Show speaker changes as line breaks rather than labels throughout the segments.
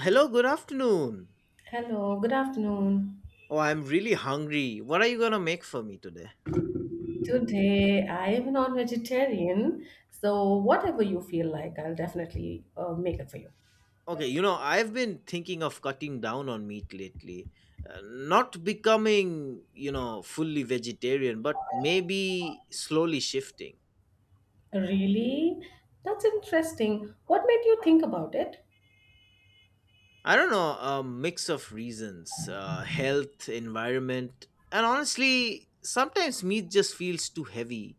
Hello, good afternoon.
Hello, good afternoon.
Oh, I'm really hungry. What are you gonna make for me today?
Today I am a non-vegetarian, so whatever you feel like, I'll definitely make it for you.
Okay, I've been thinking of cutting down on meat lately. Not becoming, fully vegetarian, but maybe slowly shifting.
Really? That's interesting. What made you think about it?
I don't know, a mix of reasons health, environment, and honestly, sometimes meat just feels too heavy.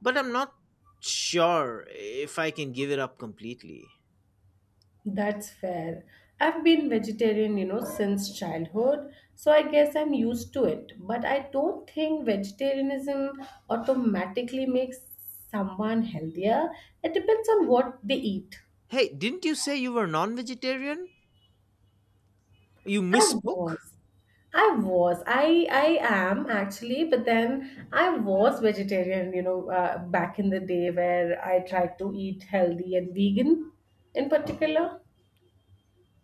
But I'm not sure if I can give it up completely.
That's fair. I've been vegetarian, since childhood, so I guess I'm used to it. But I don't think vegetarianism automatically makes someone healthier. It depends on what they eat.
Hey, didn't you say you were non vegetarian? You
I
misspoke?
was. I was. I am actually, but then I was vegetarian, back in the day where I tried to eat healthy and vegan in particular.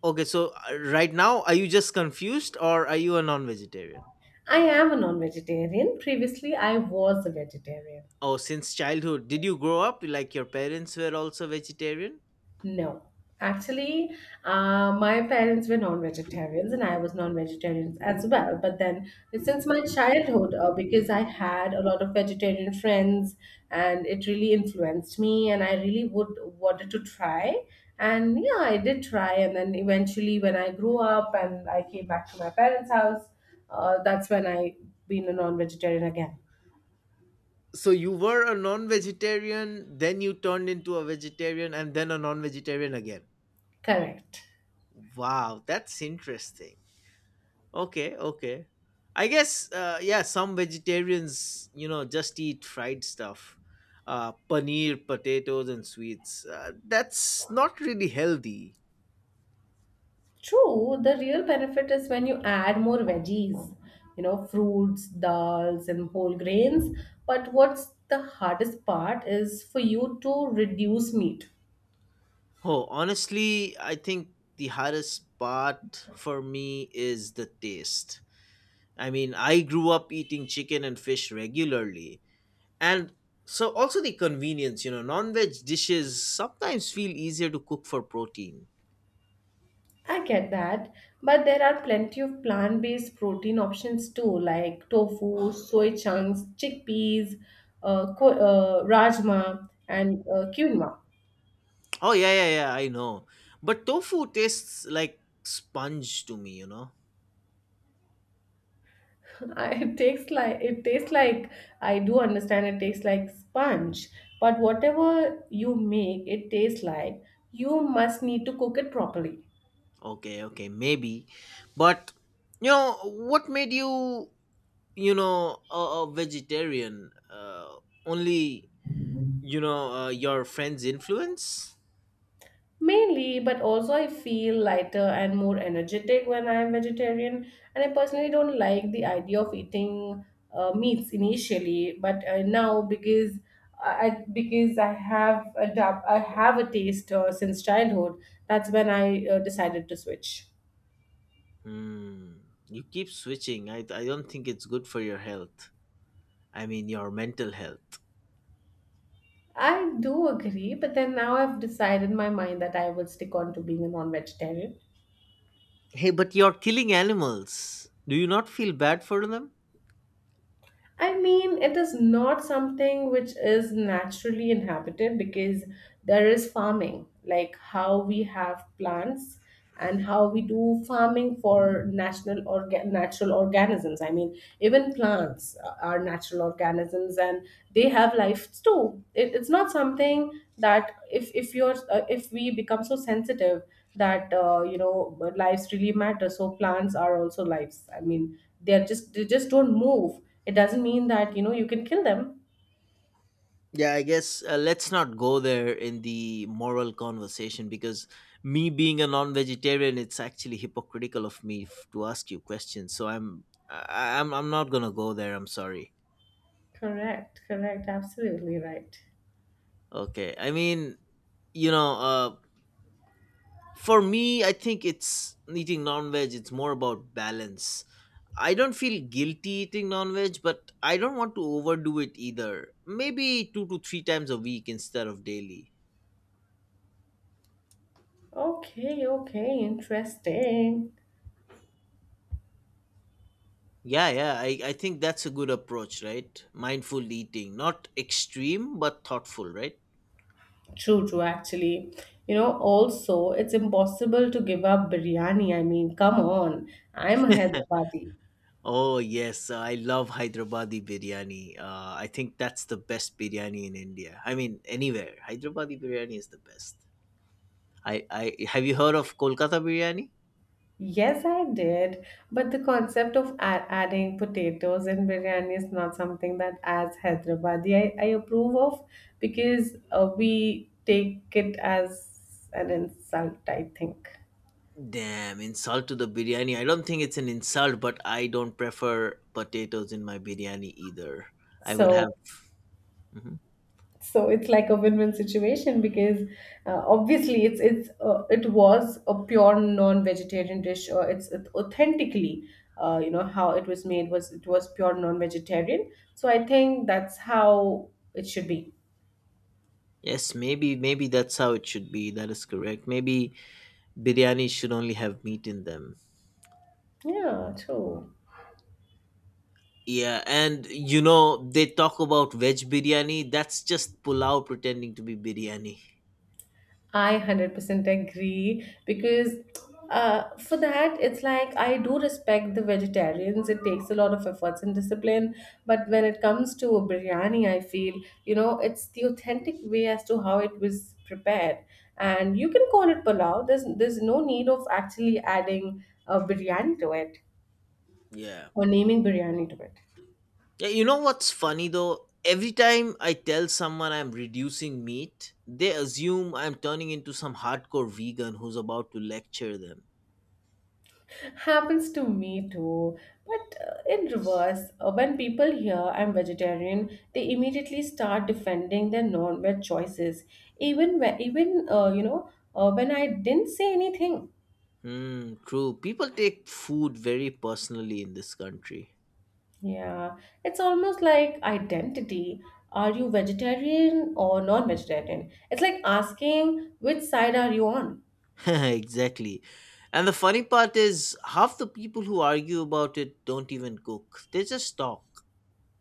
Okay, so right now, are you just confused or are you a non vegetarian?
I am a non-vegetarian. Previously, I was a vegetarian.
Oh, since childhood, did you grow up like your parents were also vegetarian?
No. Actually, my parents were non-vegetarians and I was non-vegetarian as well. But then since my childhood, because I had a lot of vegetarian friends and it really influenced me and I really would wanted to try. And yeah, I did try. And then eventually when I grew up and I came back to my parents' house, that's when I been a non-vegetarian again.
So you were a non vegetarian, then you turned into a vegetarian, and then a non vegetarian again.
Correct.
Wow, that's interesting. Okay, okay. I guess, yeah, some vegetarians, just eat fried stuff, paneer, potatoes, and sweets. That's not really healthy.
True, the real benefit is when you add more veggies, you know, fruits, dals, and whole grains. But what's the hardest part is for you to reduce meat.
Oh, honestly, I think the hardest part for me is the taste. I mean, I grew up eating chicken and fish regularly. And so also the convenience, non-veg dishes sometimes feel easier to cook for protein.
I get that, but there are plenty of plant based protein options too, like tofu, soy chunks, chickpeas, rajma, and quinoa.
Oh, yeah, yeah, yeah, I know. But tofu tastes like sponge to me.
It tastes like, I do understand. It tastes like sponge, but whatever you make it tastes like, you must need to cook it properly.
Okay, okay, maybe. But what made you, you know, a, a vegetarian? Only your friend's influence.
Mainly, but also I feel lighter and more energetic when I am vegetarian, and I personally don't like the idea of eating meats initially. But now, because I have a taste since childhood. That's when I decided to switch.
Hmm. You keep switching. I don't think it's good for your health. I mean your mental health.
I do agree, but then now I've decided in my mind that I will stick on to being a non vegetarian.
Hey, but you're killing animals. Do you not feel bad for them?
I mean, it is not something which is naturally inhabited because there is farming, like how we have plants and how we do farming for natural natural organisms. I mean, even plants are natural organisms and they have lives too. It's not something that if you're if we become so sensitive that lives really matter, so plants are also lives. I mean, they just don't move. It doesn't mean that, you can kill them.
Yeah, I guess, let's not go there in the moral conversation because me being a non-vegetarian, it's actually hypocritical of me to ask you questions. So I'm I- I'm not going to go there. I'm sorry.
Correct, correct, absolutely right.
Okay, I mean, you know uh for me, I think it's eating non veg, it's more about balance. I don't feel guilty eating non veg, but I don't want to overdo it either. Maybe two to three times a week instead of daily.
Okay, okay, interesting.
Yeah, yeah, I think that's a good approach, right? Mindful eating. Not extreme, but thoughtful, right?
True, true, actually. You know, also, it's impossible to give up biryani. I mean, come on. I'm a Hyderabadi.
Oh, yes, I love Hyderabadi biryani. I think that's the best biryani in India. I mean, anywhere. Hyderabadi biryani is the best. I Have you heard of Kolkata biryani?
Yes, I did. But the concept of adding potatoes in biryani is not something that, as Hyderabadi, I approve of because we take it as an insult, I think.
Damn, insult to the biryani. I don't think it's an insult, but I don't prefer potatoes in my biryani either. I would have.
So,
Mhm.
so it's like a win-win situation because obviously, it was a pure non-vegetarian dish. Or it's it authentically, how it was made was, it was pure non-vegetarian. So I think that's how it should be.
Yes, maybe that's how it should be. That is correct. Maybe biryani should only have meat in them.
Yeah, true.
Yeah, and you know they talk about veg biryani. That's just pulao pretending to be biryani.
I 100% agree because for that, it's like I do respect the vegetarians. It takes a lot of efforts and discipline. But when it comes to biryani, I feel, it's the authentic way as to how it was prepared. And you can call it palau. There's no need of actually adding a biryani to it
Yeah.
or naming biryani to it.
Yeah, you know what's funny though? Every time I tell someone I'm reducing meat, they assume I'm turning into some hardcore vegan who's about to lecture them.
Happens to me too, but in reverse, when people hear I'm vegetarian, they immediately start defending their non-veg choices, even when, when I didn't say anything.
Hmm, true. People take food very personally in this country.
Yeah, it's almost like identity. Are you vegetarian or non-vegetarian? It's like asking which side are you on.
Exactly. And the funny part is, half the people who argue about it don't even cook, they just talk.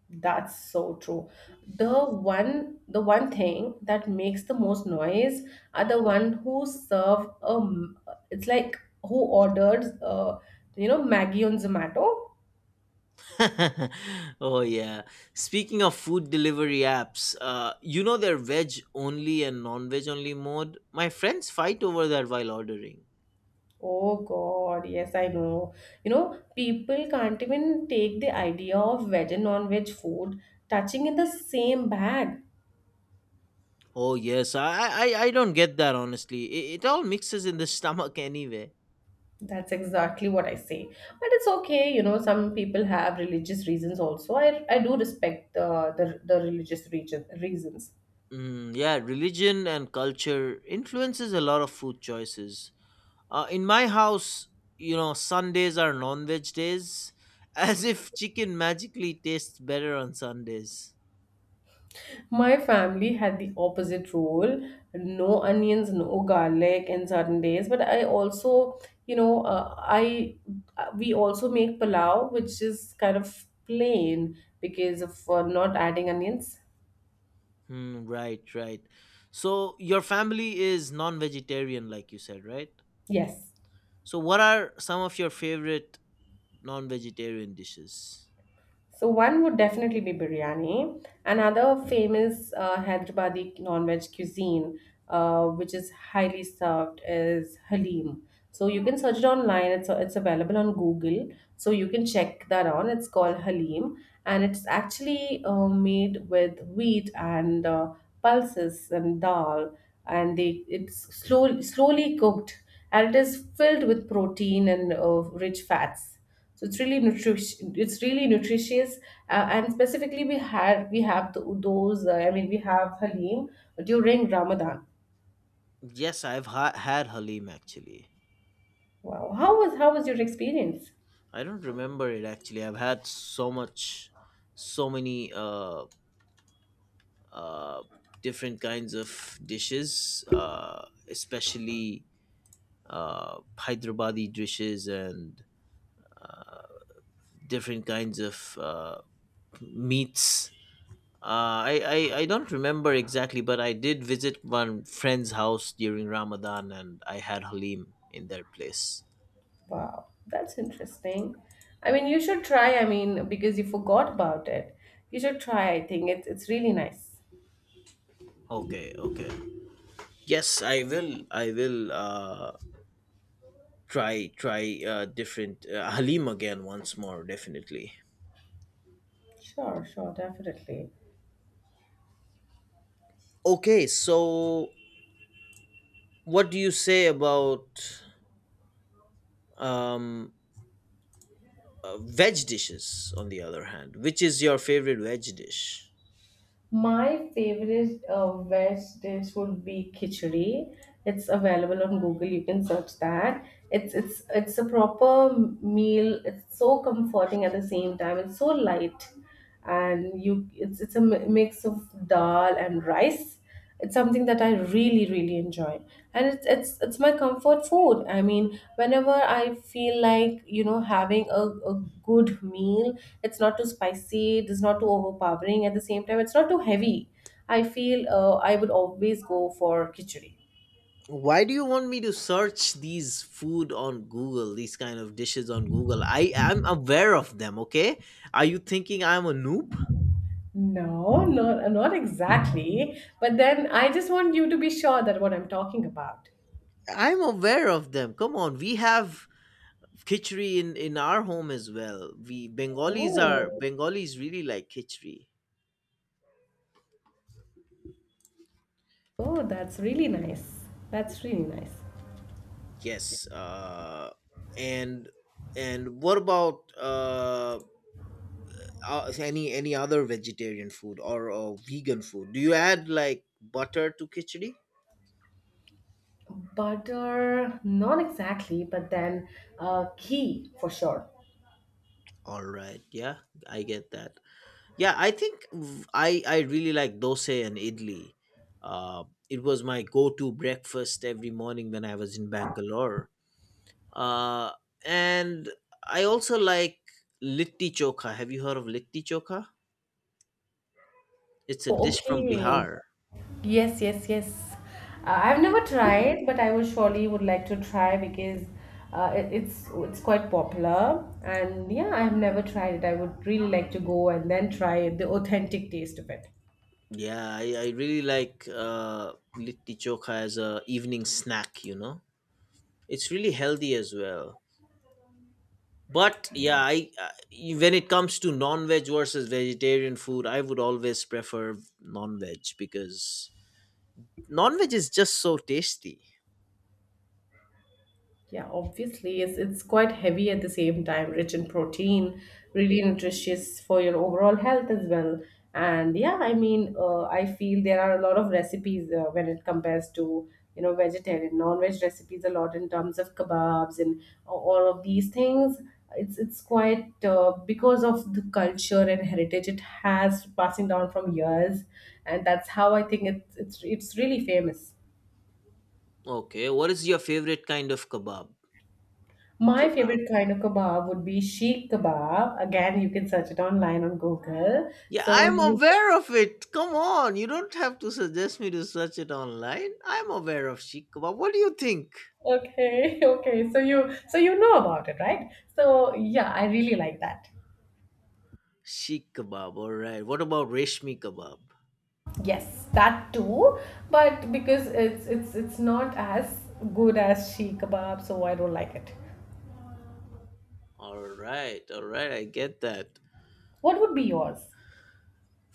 That's so true. The one thing that makes the most noise are the one who serve, it's like, who orders Maggie on Zomato.
Oh yeah. Speaking of food delivery apps, their veg only and non-veg only mode. My friends fight over that while ordering.
Oh God, yes I know. You know people can't even take the idea of veg and non-veg food touching in the same bag.
Oh yes, I don't get that honestly. It all mixes in the stomach anyway.
That's exactly what I say. But it's okay, some people have religious reasons also. I do respect the the religious region reasons.
Yeah, religion and culture influences a lot of food choices. In my house, Sundays are non-veg days, as if chicken magically tastes better on Sundays.
My family had the opposite rule no onions, no garlic, and certain days. But I also, you know, I we also make palau, which is kind of plain because of not adding onions.
Hmm, right, right. So your family is non-vegetarian, like you said, right?
Yes.
So what are some of your favorite non-vegetarian dishes?
So one would definitely be biryani. Another famous Hyderabadi non-veg cuisine, which is highly served, is halim. So you can search it online. It's available on Google. So you can check that on. It's called halim, and it's actually made with wheat and pulses and dal, and they it's slowly cooked, and it is filled with protein and rich fats. So it's really nutrition. It's really nutritious, and specifically we had we have th those. I mean, we have Halim during Ramadan.
Yes, I've had halim actually.
Wow, how was your experience?
I don't remember it actually. I've had so much, so many uh, different kinds of dishes, especially Hyderabadi dishes and different kinds of meats. Uh, I, I don't remember exactly, but I did visit one friend's house during Ramadan, and I had halim in their place.
Wow, that's interesting. I mean, you should try. I mean, because you forgot about it, you should try. I think it's really nice.
Okay, okay. Yes, I will. I will try different halim again once more. Definitely.
Sure, sure, definitely.
Okay, so what do you say about um, veg dishes? On the other hand, which is your favorite veg dish?
My favorite veg dish would be khichdi. It's available on Google. You can search that. It's a proper meal. It's so comforting at the same time. It's so light, and you it's a mix of dal and rice. It's something that I really really enjoy, and it's my comfort food. I mean, whenever I feel like having a good meal, it's not too spicy, it's not too overpowering. At the same time, it's not too heavy. I feel I would always go for khichdi.
Why do you want me to search these food on Google, these kind of dishes on Google? I am aware of them. Okay, are you thinking I'm a noob?
No, not exactly, but then I just want you to be sure that what I'm talking about.
I'm aware of them. Come on, we have khichdi in our home as well. We bengalis are.
Oh,
Bengalis really like khichdi.
oh, that's really nice. That's really nice.
Yes, and and what about any other vegetarian food or vegan food? Do you add like butter to khichdi?
Butter, not exactly, but then ghee for sure.
All right. Yeah, I get that. Yeah, I think I really like dosa and idli. It was my go-to breakfast every morning when I was in Bangalore. Uh, and I also like litti chokha. Have you heard of litti chokha? It's a
Oh,
dish from
okay.
Bihar.
Yes, yes, yes. I've never tried, but I will surely would like to try because it's quite popular. And yeah, I've never tried it. I would really like to go and then try the authentic taste of it.
Yeah, I really like litti chokha as a evening snack. It's really healthy as well. But yeah, I when it comes to non-veg versus vegetarian food, I would always prefer non-veg because non-veg is just so tasty.
Yeah, obviously, it's quite heavy. At the same time, rich in protein, really nutritious for your overall health as well. And yeah, I mean, I feel there are a lot of recipes when it compares to vegetarian, non-veg recipes a lot in terms of kebabs and all of these things. It's quite because of the culture and heritage it has passing down from years, and that's how I think it's really famous.
Okay, what is your favorite kind of kebab?
My
Kebab.
favorite kind of kebab would be sheikh kebab. Again, you can search it online on Google.
Yeah,
So
I'm
you-
aware of it. Come on, you don't have to suggest me to search it online. I'm aware of sheikh kebab. What do you think?
okay, okay. So you know about it, right? So yeah, I really like that.
Sheikh kebab. All right. What about reshmi kebab?
Yes, that too. But because it's not as good as sheikh kebab, so I don't like it.
All right. All right. I get that.
What would be yours?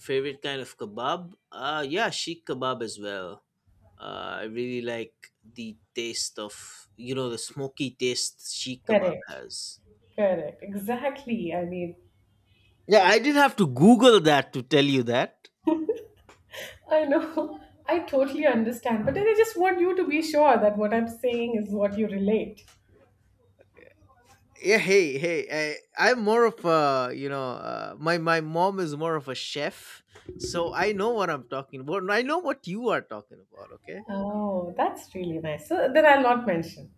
Favorite kind of kebab? Yeah, sheik kebab as well. I really like the taste of, the smoky taste sheik kebab
Correct.
has.
Correct. Exactly. I mean,
Yeah, I did have to Google that to tell you that.
I know. I totally understand, but then I just want you to be sure that what I'm saying is what you relate.
Yeah, hey, hey, I'm more of a, my mom is more of a chef, so I know what I'm talking about. And I know what you are talking about. Okay.
Oh, that's really nice. So then I'll not mention.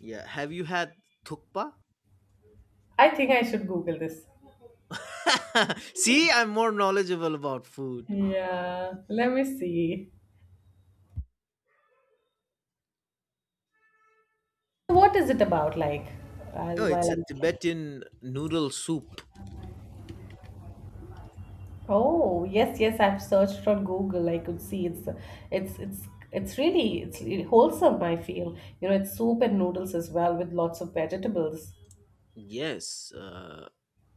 Yeah, have you had thukpa?
I think I should Google this.
See, I'm more knowledgeable about food.
Yeah, let me see. So, what is it about? Like, I'll,
Oh,
while
it's a
I
Tibetan noodle soup.
oh yes, yes, I've searched on Google. I could see it's really wholesome. I feel it's soup and noodles as well with lots of vegetables.
Yes,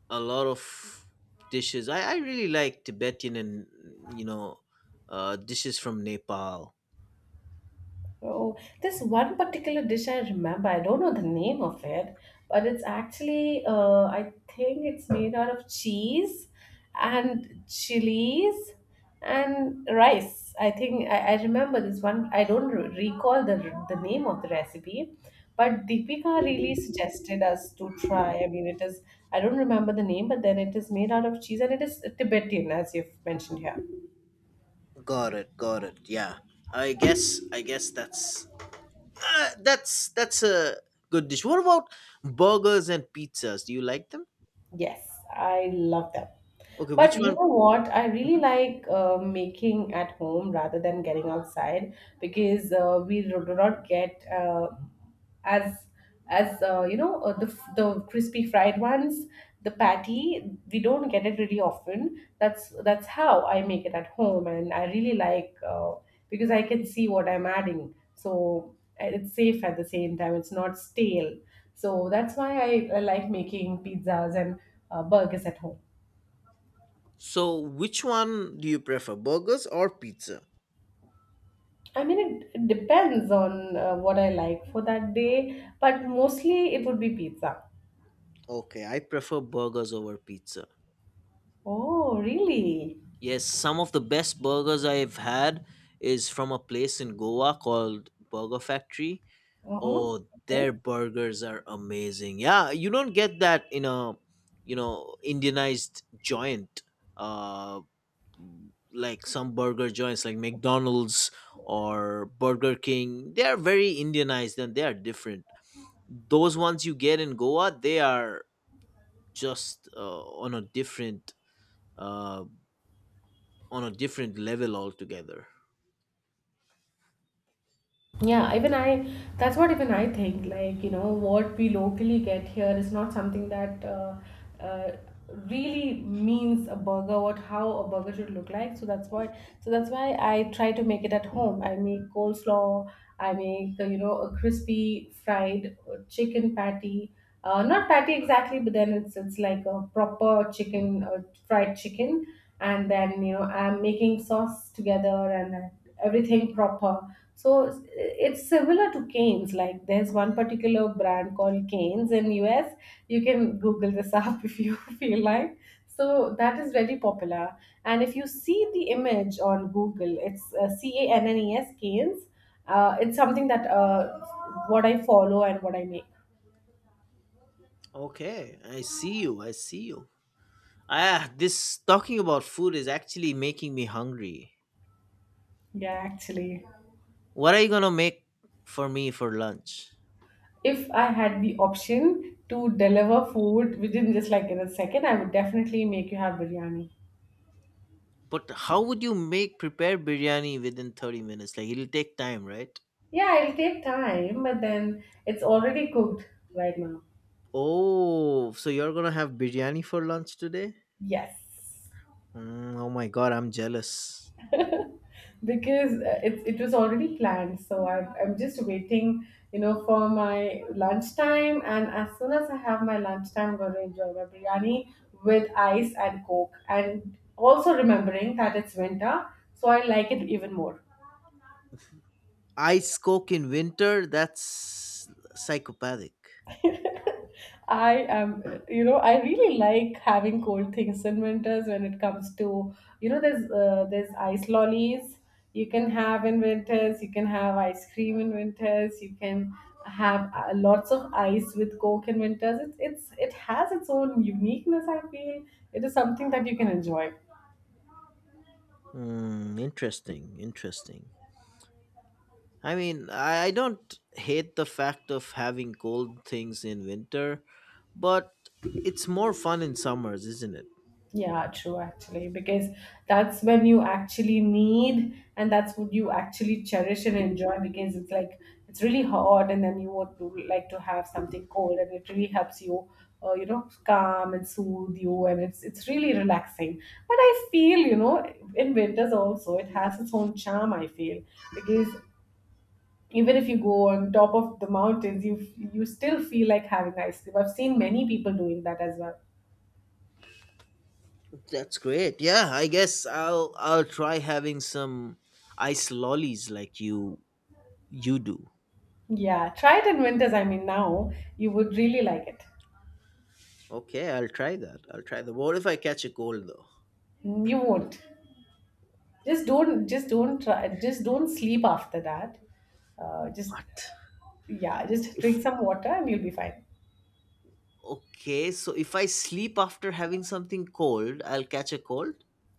a lot of dishes. I really like Tibetan and you know dishes from Nepal.
Oh, this one particular dish I remember. I don't know the name of it, but it's actually, I think it's made out of cheese and chilies and rice. I think I remember this one. I don't recall the name of the recipe, but Deepika really suggested us to try. I mean, it is, I don't remember the name, but then it is made out of cheese and it is Tibetan, as you've mentioned here.
Got it. Got it. Yeah. That's that's a good dish. What about burgers and pizzas? Do you like them?
Yes, I love them.
Okay, which
But you
one?
know what? I really
Mhm.
like making at home rather than getting outside because we do not get as as the the crispy fried ones, the patty. We don't get it really often. That's how I make it at home, and I really like. Because I can see what I'm adding. So and it's safe at the same time, it's not stale. So that's why I like making pizzas and burgers at home.
So, which one do you prefer, burgers or pizza?
I mean, it depends on what I like for that day, but mostly it would be pizza.
Okay, I prefer burgers over pizza.
Oh, really?
Yes, some of the best burgers I've had is from a place in Goa called Burger Factory.
Uh-huh.
Oh, their
Okay.
burgers are amazing. Yeah, you don't get that in a, Indianized joint. Uh, like some burger joints like McDonald's or Burger King, they are very Indianized and they are different. Those ones you get in Goa, they are just uh, on a different level altogether.
Yeah, even I, that's what even I think. Like, what we locally get here is not something that uh, really means a burger, what how a burger should look like. So that's why, I try to make it at home. I make coleslaw, I make, a crispy fried chicken patty. Not patty exactly, but then it's like a proper chicken, fried chicken. And then, you know, I'm making sauce together and everything proper so it's similar to Cane's. Like there's one particular brand called Cane's in US. You can Google this up if you feel like. So that is very popular. And if you see the image on Google, it's CANNES Cane's. It's something that what I follow and what I make.
Okay, I see you. I see you. Ah, this talking about food is actually making me hungry.
Yeah, actually.
What are you gonna make for me for lunch?
If I had the option to deliver food within just like in a second, I would definitely make you have biryani.
But how would you make prepare biryani within 30 minutes? Like it'll take time, right?
Yeah, it'll take time, but then it's already cooked right now.
Oh, so you're gonna have biryani for lunch today?
Yes,
Oh my god, I'm jealous.
because it was already planned. So I'm just waiting, you know, for my lunchtime. And as soon as I have my lunchtime, I'm going to enjoy my biryani with ice and coke. And also remembering that it's winter, so I like it even more.
Ice coke in winter? That's psychopathic.
I am, you know, I really like having cold things in winters when it comes to, you know, there's ice lollies you can have in winters. You can have ice cream in winters. You can have lots of ice with coke in winters. It's it has its own uniqueness. I feel it is something that you can enjoy.
Mm, interesting, interesting. I mean, I don't hate the fact of having cold things in winter, but it's more fun in summers, isn't it?
Yeah, true actually, because that's when you actually need and that's what you actually cherish and enjoy because it's like it's really hot and then you would like to have something cold and it really helps you you know calm and soothe you and it's really relaxing. But I feel, you know, in winters also it has its own charm I feel because even if you go on top of the mountains you still feel like having ice cream. I've seen many people doing that as well.
That's great. Yeah, I guess I'll try having some ice lollies like you do.
Yeah, try it in winters. I mean, now you would really like it.
Okay, I'll try that. I'll try that. What if I catch a cold though?
Mm, you won't. Just don't. Just don't try. Just don't sleep after that. Just
What?
yeah. Just
If
drink some water and you'll be fine.
Okay, so if I sleep after having something cold, I'll catch a cold?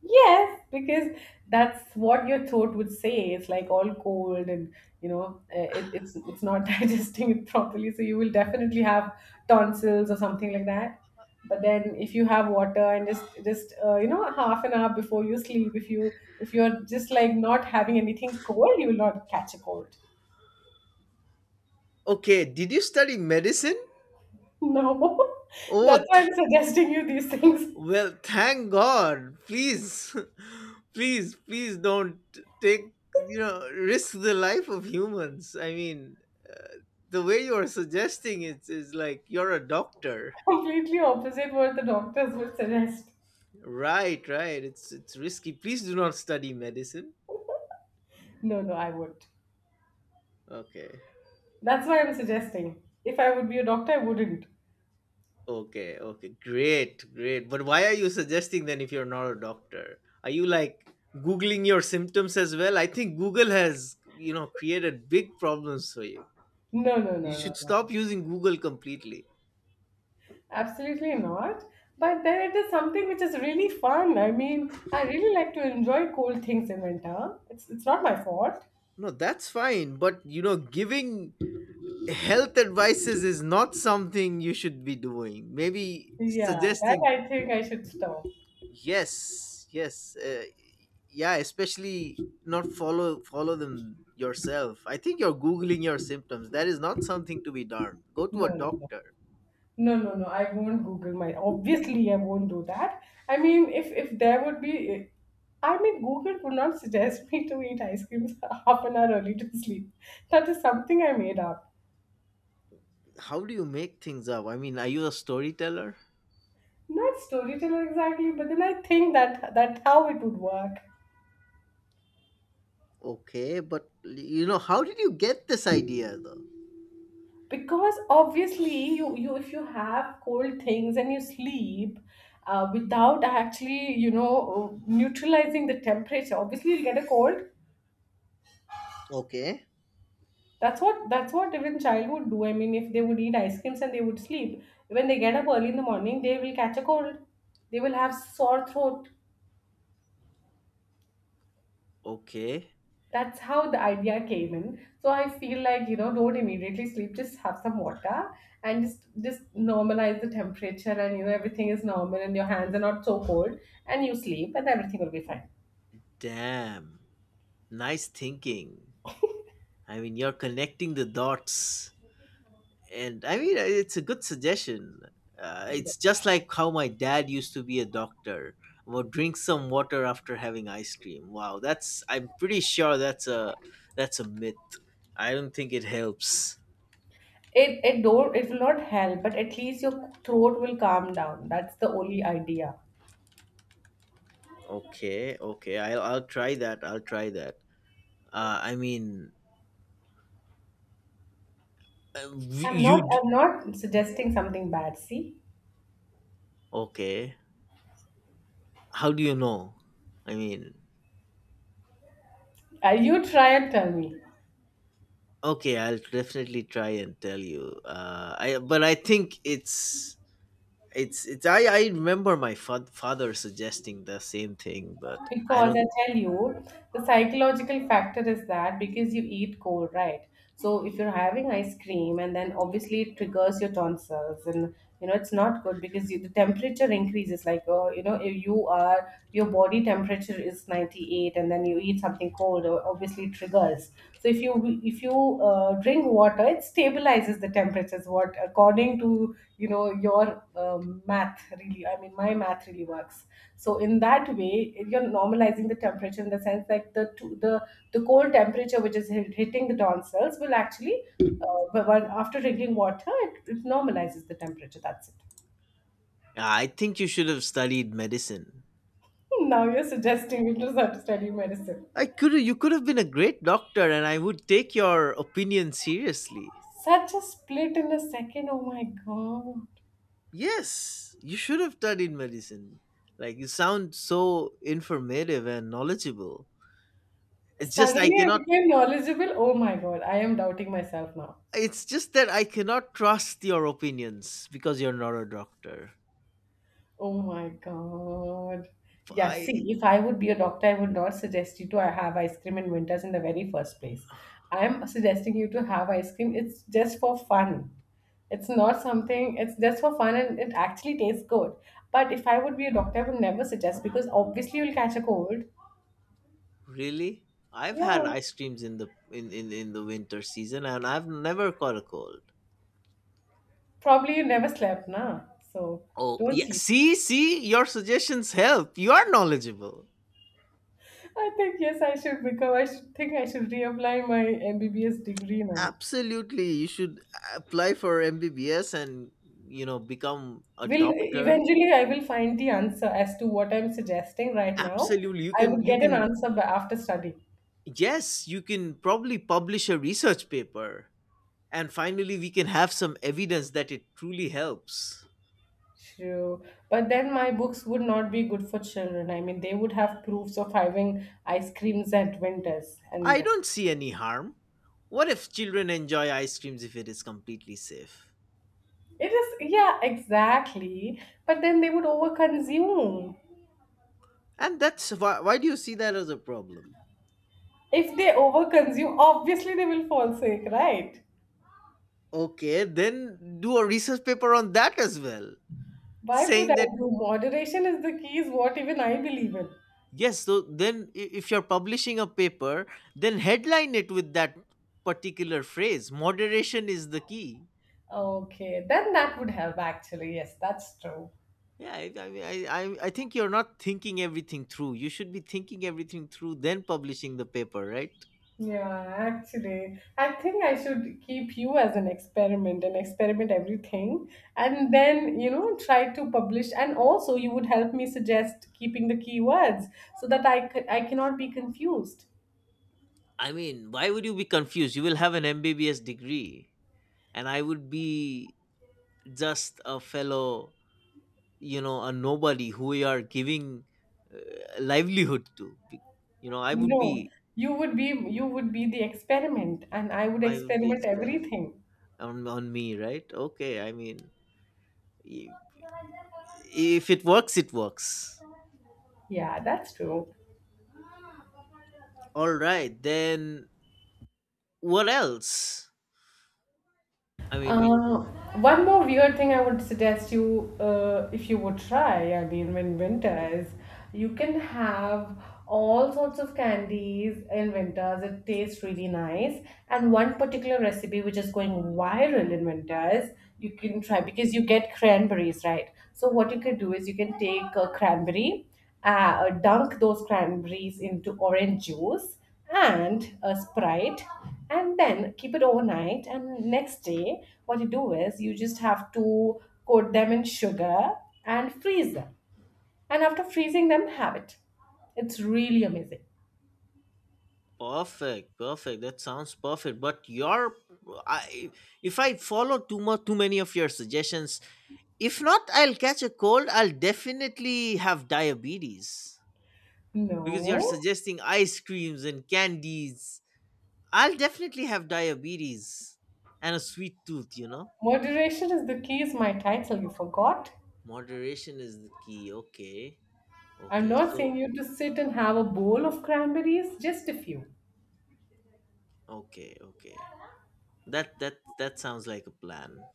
Yes, because that's what your throat would say. It's like all cold, and you know, it's not digesting it properly. So you will definitely have tonsils or something like that. But then, if you have water and just half an hour before you sleep, if you're just like not having anything cold, you will not catch a cold.
Okay, did you study medicine?
No,
Oh,
that's why I'm suggesting you these things.
well, thank God. Please, please don't take, risk the life of humans. I mean, the way you're suggesting it is like you're a doctor.
Completely opposite what the doctors would suggest.
Right, right. It's risky. Please do not study medicine.
No, no, I would.
Okay.
That's why I'm suggesting. If I would be a doctor, I wouldn't.
Okay, okay. Great, great. But why are you suggesting then if you're not a doctor? Are you like googling your symptoms as well? I think Google has, created big problems for you.
No, no,
You
no,
should
no, no,
stop
no.
using Google completely.
Absolutely not. But then it is something which is really fun. I mean, I really like to enjoy cold things in winter. It's not my fault.
No, that's fine, but giving health advices is not something you should be doing. Maybe
Yeah, that
suggesting.
I think I should stop.
Yes, yes, yeah, especially not follow them yourself. I think you're googling your symptoms. That is not something to be done. Go to
No,
a
no, no.
doctor.
No, no, no. I won't Google my. Obviously, I won't do that. I mean, if there would be, I mean, Google would not suggest me to eat ice creams half an hour early to sleep. That is something I made up.
How do you make things up? I mean, are you a storyteller?
Not storyteller exactly but then I think that how it would work.
Okay, but how did you get this idea though?
Because obviously you if you have cold things and you sleep, without actually you know neutralizing the temperature, obviously you'll get a cold.
Okay,
That's what even child would do. I mean if they would eat ice creams and they would sleep, when they get up early in the morning they will catch a cold, they will have sore throat.
okay.
That's how the idea came in. So I feel like, you know, don't immediately sleep, just have some water, and just normalize the temperature, and you know everything is normal and your hands are not so cold, and you sleep and everything will be fine.
Damn, nice thinking. I mean, you're connecting the dots, and I mean, it's a good suggestion. It's just like how my dad used to be a doctor. Well, drink some water after having ice cream. Wow, that's I'm pretty sure that's a myth. I don't think it helps.
It will not help, but at least your throat will calm down. That's the only idea.
Okay, okay, I'll try that. I'll try that. I mean, you.
I'm not suggesting something bad, see.
Okay, how do you know? I mean,
You try and tell me.
okay, I'll definitely try and tell you. I but I think it's I remember my father suggesting the same thing, but I
Because
don't.
I tell you, the psychological factor is that because you eat cold, right? So if you're having ice cream and then obviously it triggers your tonsils, and you know it's not good because you, the temperature increases, like oh you know if your body temperature is 98 and then you eat something cold, obviously it triggers. If you drink water it stabilizes the temperatures, what according to you know your math really. I mean my math really works. So in that way if you're normalizing the temperature, in the sense that the cold temperature which is hitting the tonsils will actually, after drinking water it normalizes the temperature. That's it.
I think you should have studied medicine.
Now you're suggesting me to start study medicine.
I could you could have been a great doctor, and I would take your opinion seriously.
Such a split in a second, oh my god.
Yes, you should have studied medicine. Like you sound so informative and knowledgeable. It's just I
Suddenly I
cannot.
became knowledgeable. Oh my God, I am doubting myself now.
It's just that I cannot trust your opinions because you're not a doctor.
Oh my God. Yeah,
I
see, if I would be a doctor, I would not suggest you to have ice cream in winters in the very first place. I'm suggesting you to have ice cream. It's just for fun. It's not something, it's just for fun and it actually tastes good. But if I would be a doctor, I would never suggest because obviously you'll catch a cold.
really I've had
Yeah.
ice creams in the winter season and I've never caught a cold.
Probably you never slept, nah. So
Oh
don't
yeah,
sleep.
see, your suggestions help. You are knowledgeable.
I think yes, I should become. Think I should reapply my MBBS degree now.
Absolutely, you should apply for MBBS and, you know, become a
Will
doctor.
eventually I will find the answer as to what I'm suggesting right now.
Absolutely, you
I
can
would
you
get an
can
answer by after study.
yes, you can probably publish a research paper, and finally we can have some evidence that it truly helps.
True, but then my books would not be good for children. I mean, they would have proofs of having ice creams at winters,
I
and
don't see any harm. What if children enjoy ice creams if it is completely safe?
it is yeah, exactly. But then they would overconsume.
And why do you see that as a problem?
If they overconsume, obviously they will fall sick, right?
Okay, then do a research paper on that as well,
Why would
saying
I
that,
do? Moderation is the key, is what even I believe in.
yes, so then if you're publishing a paper, then headline it with that particular phrase, moderation is the key.
Okay, then that would help actually. Yes, that's true.
Yeah, I I think you're not thinking everything through. You should be thinking everything through, then publishing the paper, right?
Yeah, actually, I think I should keep you as an experiment and experiment everything. And then, you know, try to publish. And also, you would help me suggest keeping the keywords so that I cannot be confused.
I mean, why would you be confused? You will have an MBBS degree, and I would be just a fellow, you know, a nobody who we are giving uh, livelihood to. You know,
No, you would be the experiment, and I would
I would be
experiment
experiment
everything.
on me, right? Okay, I mean, i- if it works, it works.
Yeah, that's true.
All right, then what else? I mean, we
Uh, One more weird thing I would suggest you, if you would try, I mean, when winter is, you can have all sorts of candies in winters. It tastes really nice. And one particular recipe which is going viral in winters, you can try because you get cranberries, right? So what you could do is you can take a cranberry, dunk those cranberries into orange juice and a sprite and then keep it overnight, and next day what you do is you just have to coat them in sugar and freeze them, and after freezing them have it. It's really amazing.
Perfect, perfect. That sounds perfect. But your, I If I follow too too many of your suggestions, if not, I'll catch a cold. I'll definitely have diabetes because you're
No,
suggesting ice creams and candies. I'll definitely have diabetes and a sweet tooth, you know?
moderation is the key is my title, you forgot.
Moderation is the key. Okay.
I'm
Okay.
not
So,
saying you to sit and have a bowl of cranberries, just a few.
okay. Okay. That sounds like a plan.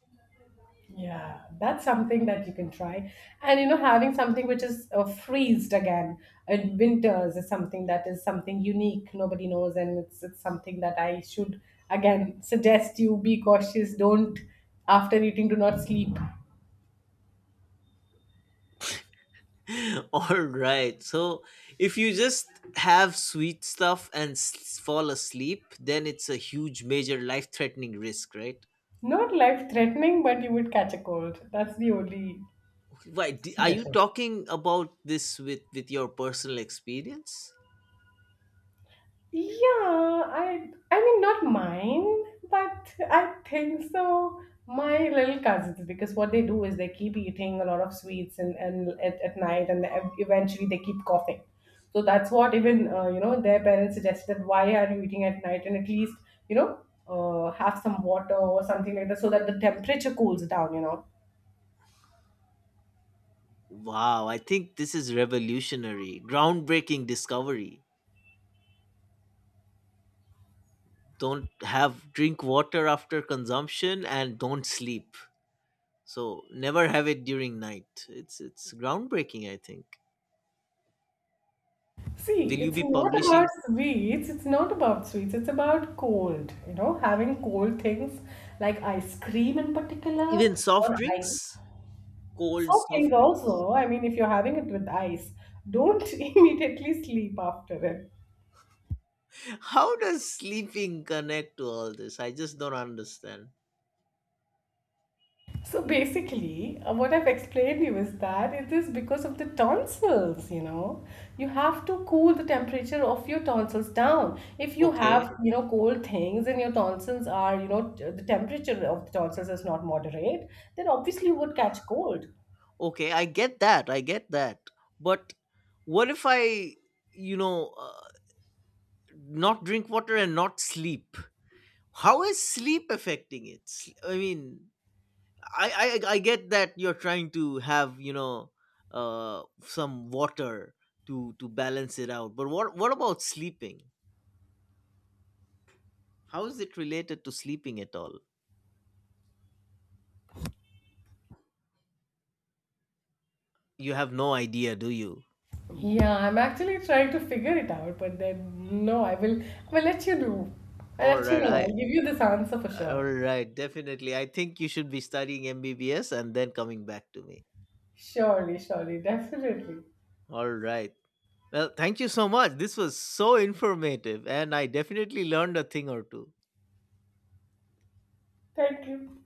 Yeah, that's something that you can try. And you know, having something which is freezed again in winters is something that is something unique. Nobody knows, and it's something that I should again suggest you be cautious. Don't after eating, do not sleep.
All right. So, if you just have sweet stuff and fall asleep, then it's a huge major life-threatening risk, right?
Not life threatening, but you would catch a cold. That's the only
Why are you
suggestion.
talking about this with your personal experience?
Yeah, I mean not mine, but I think so. My little cousins, because what they do is they keep eating a lot of sweets, and at night, and eventually they keep coughing. So that's what even you know their parents suggested, that why are you eating at night and at least you know have some water or something like that so that the temperature cools down. You know.
Wow, I think this is revolutionary, groundbreaking discovery. Don't have Drink water after consumption and don't sleep. So never have it during night. It's groundbreaking, I think. Will
See,
you
it's
be
not about
publishing
sweets. It's not about sweets. It's about cold. You know, having cold things like ice cream in particular
even soft
or ice.
drinks? Cold
Soft
soft
drinks
drinks?
also. I mean, if you're having it with ice, don't immediately sleep after it.
How does sleeping connect to all this? I just don't understand.
So basically, what I've explained you is that it is because of the tonsils, you know. You have to cool the temperature of your tonsils down. If you
Okay.
have, you know, cold things and your tonsils are, you know, the temperature of the tonsils is not moderate, then obviously you would catch cold.
Okay, I get that. I get that. But what if I, you know, uh, not drink water and not sleep? How is sleep affecting it? I mean, I I get that you're trying to have, you know, some water to balance it out. But what about sleeping? How is it related to sleeping at all? You have no idea, do you?
Yeah, I'm actually trying to figure it out, but then no, I will let you know. I'll
All
let you
right,
know.
I
I'll give you this answer for
all
sure.
right, definitely. I think you should be studying MBBS and then coming back to me.
Surely, surely, definitely.
All right. Well, thank you so much. This was so informative, and I definitely learned a thing or two.
Thank you.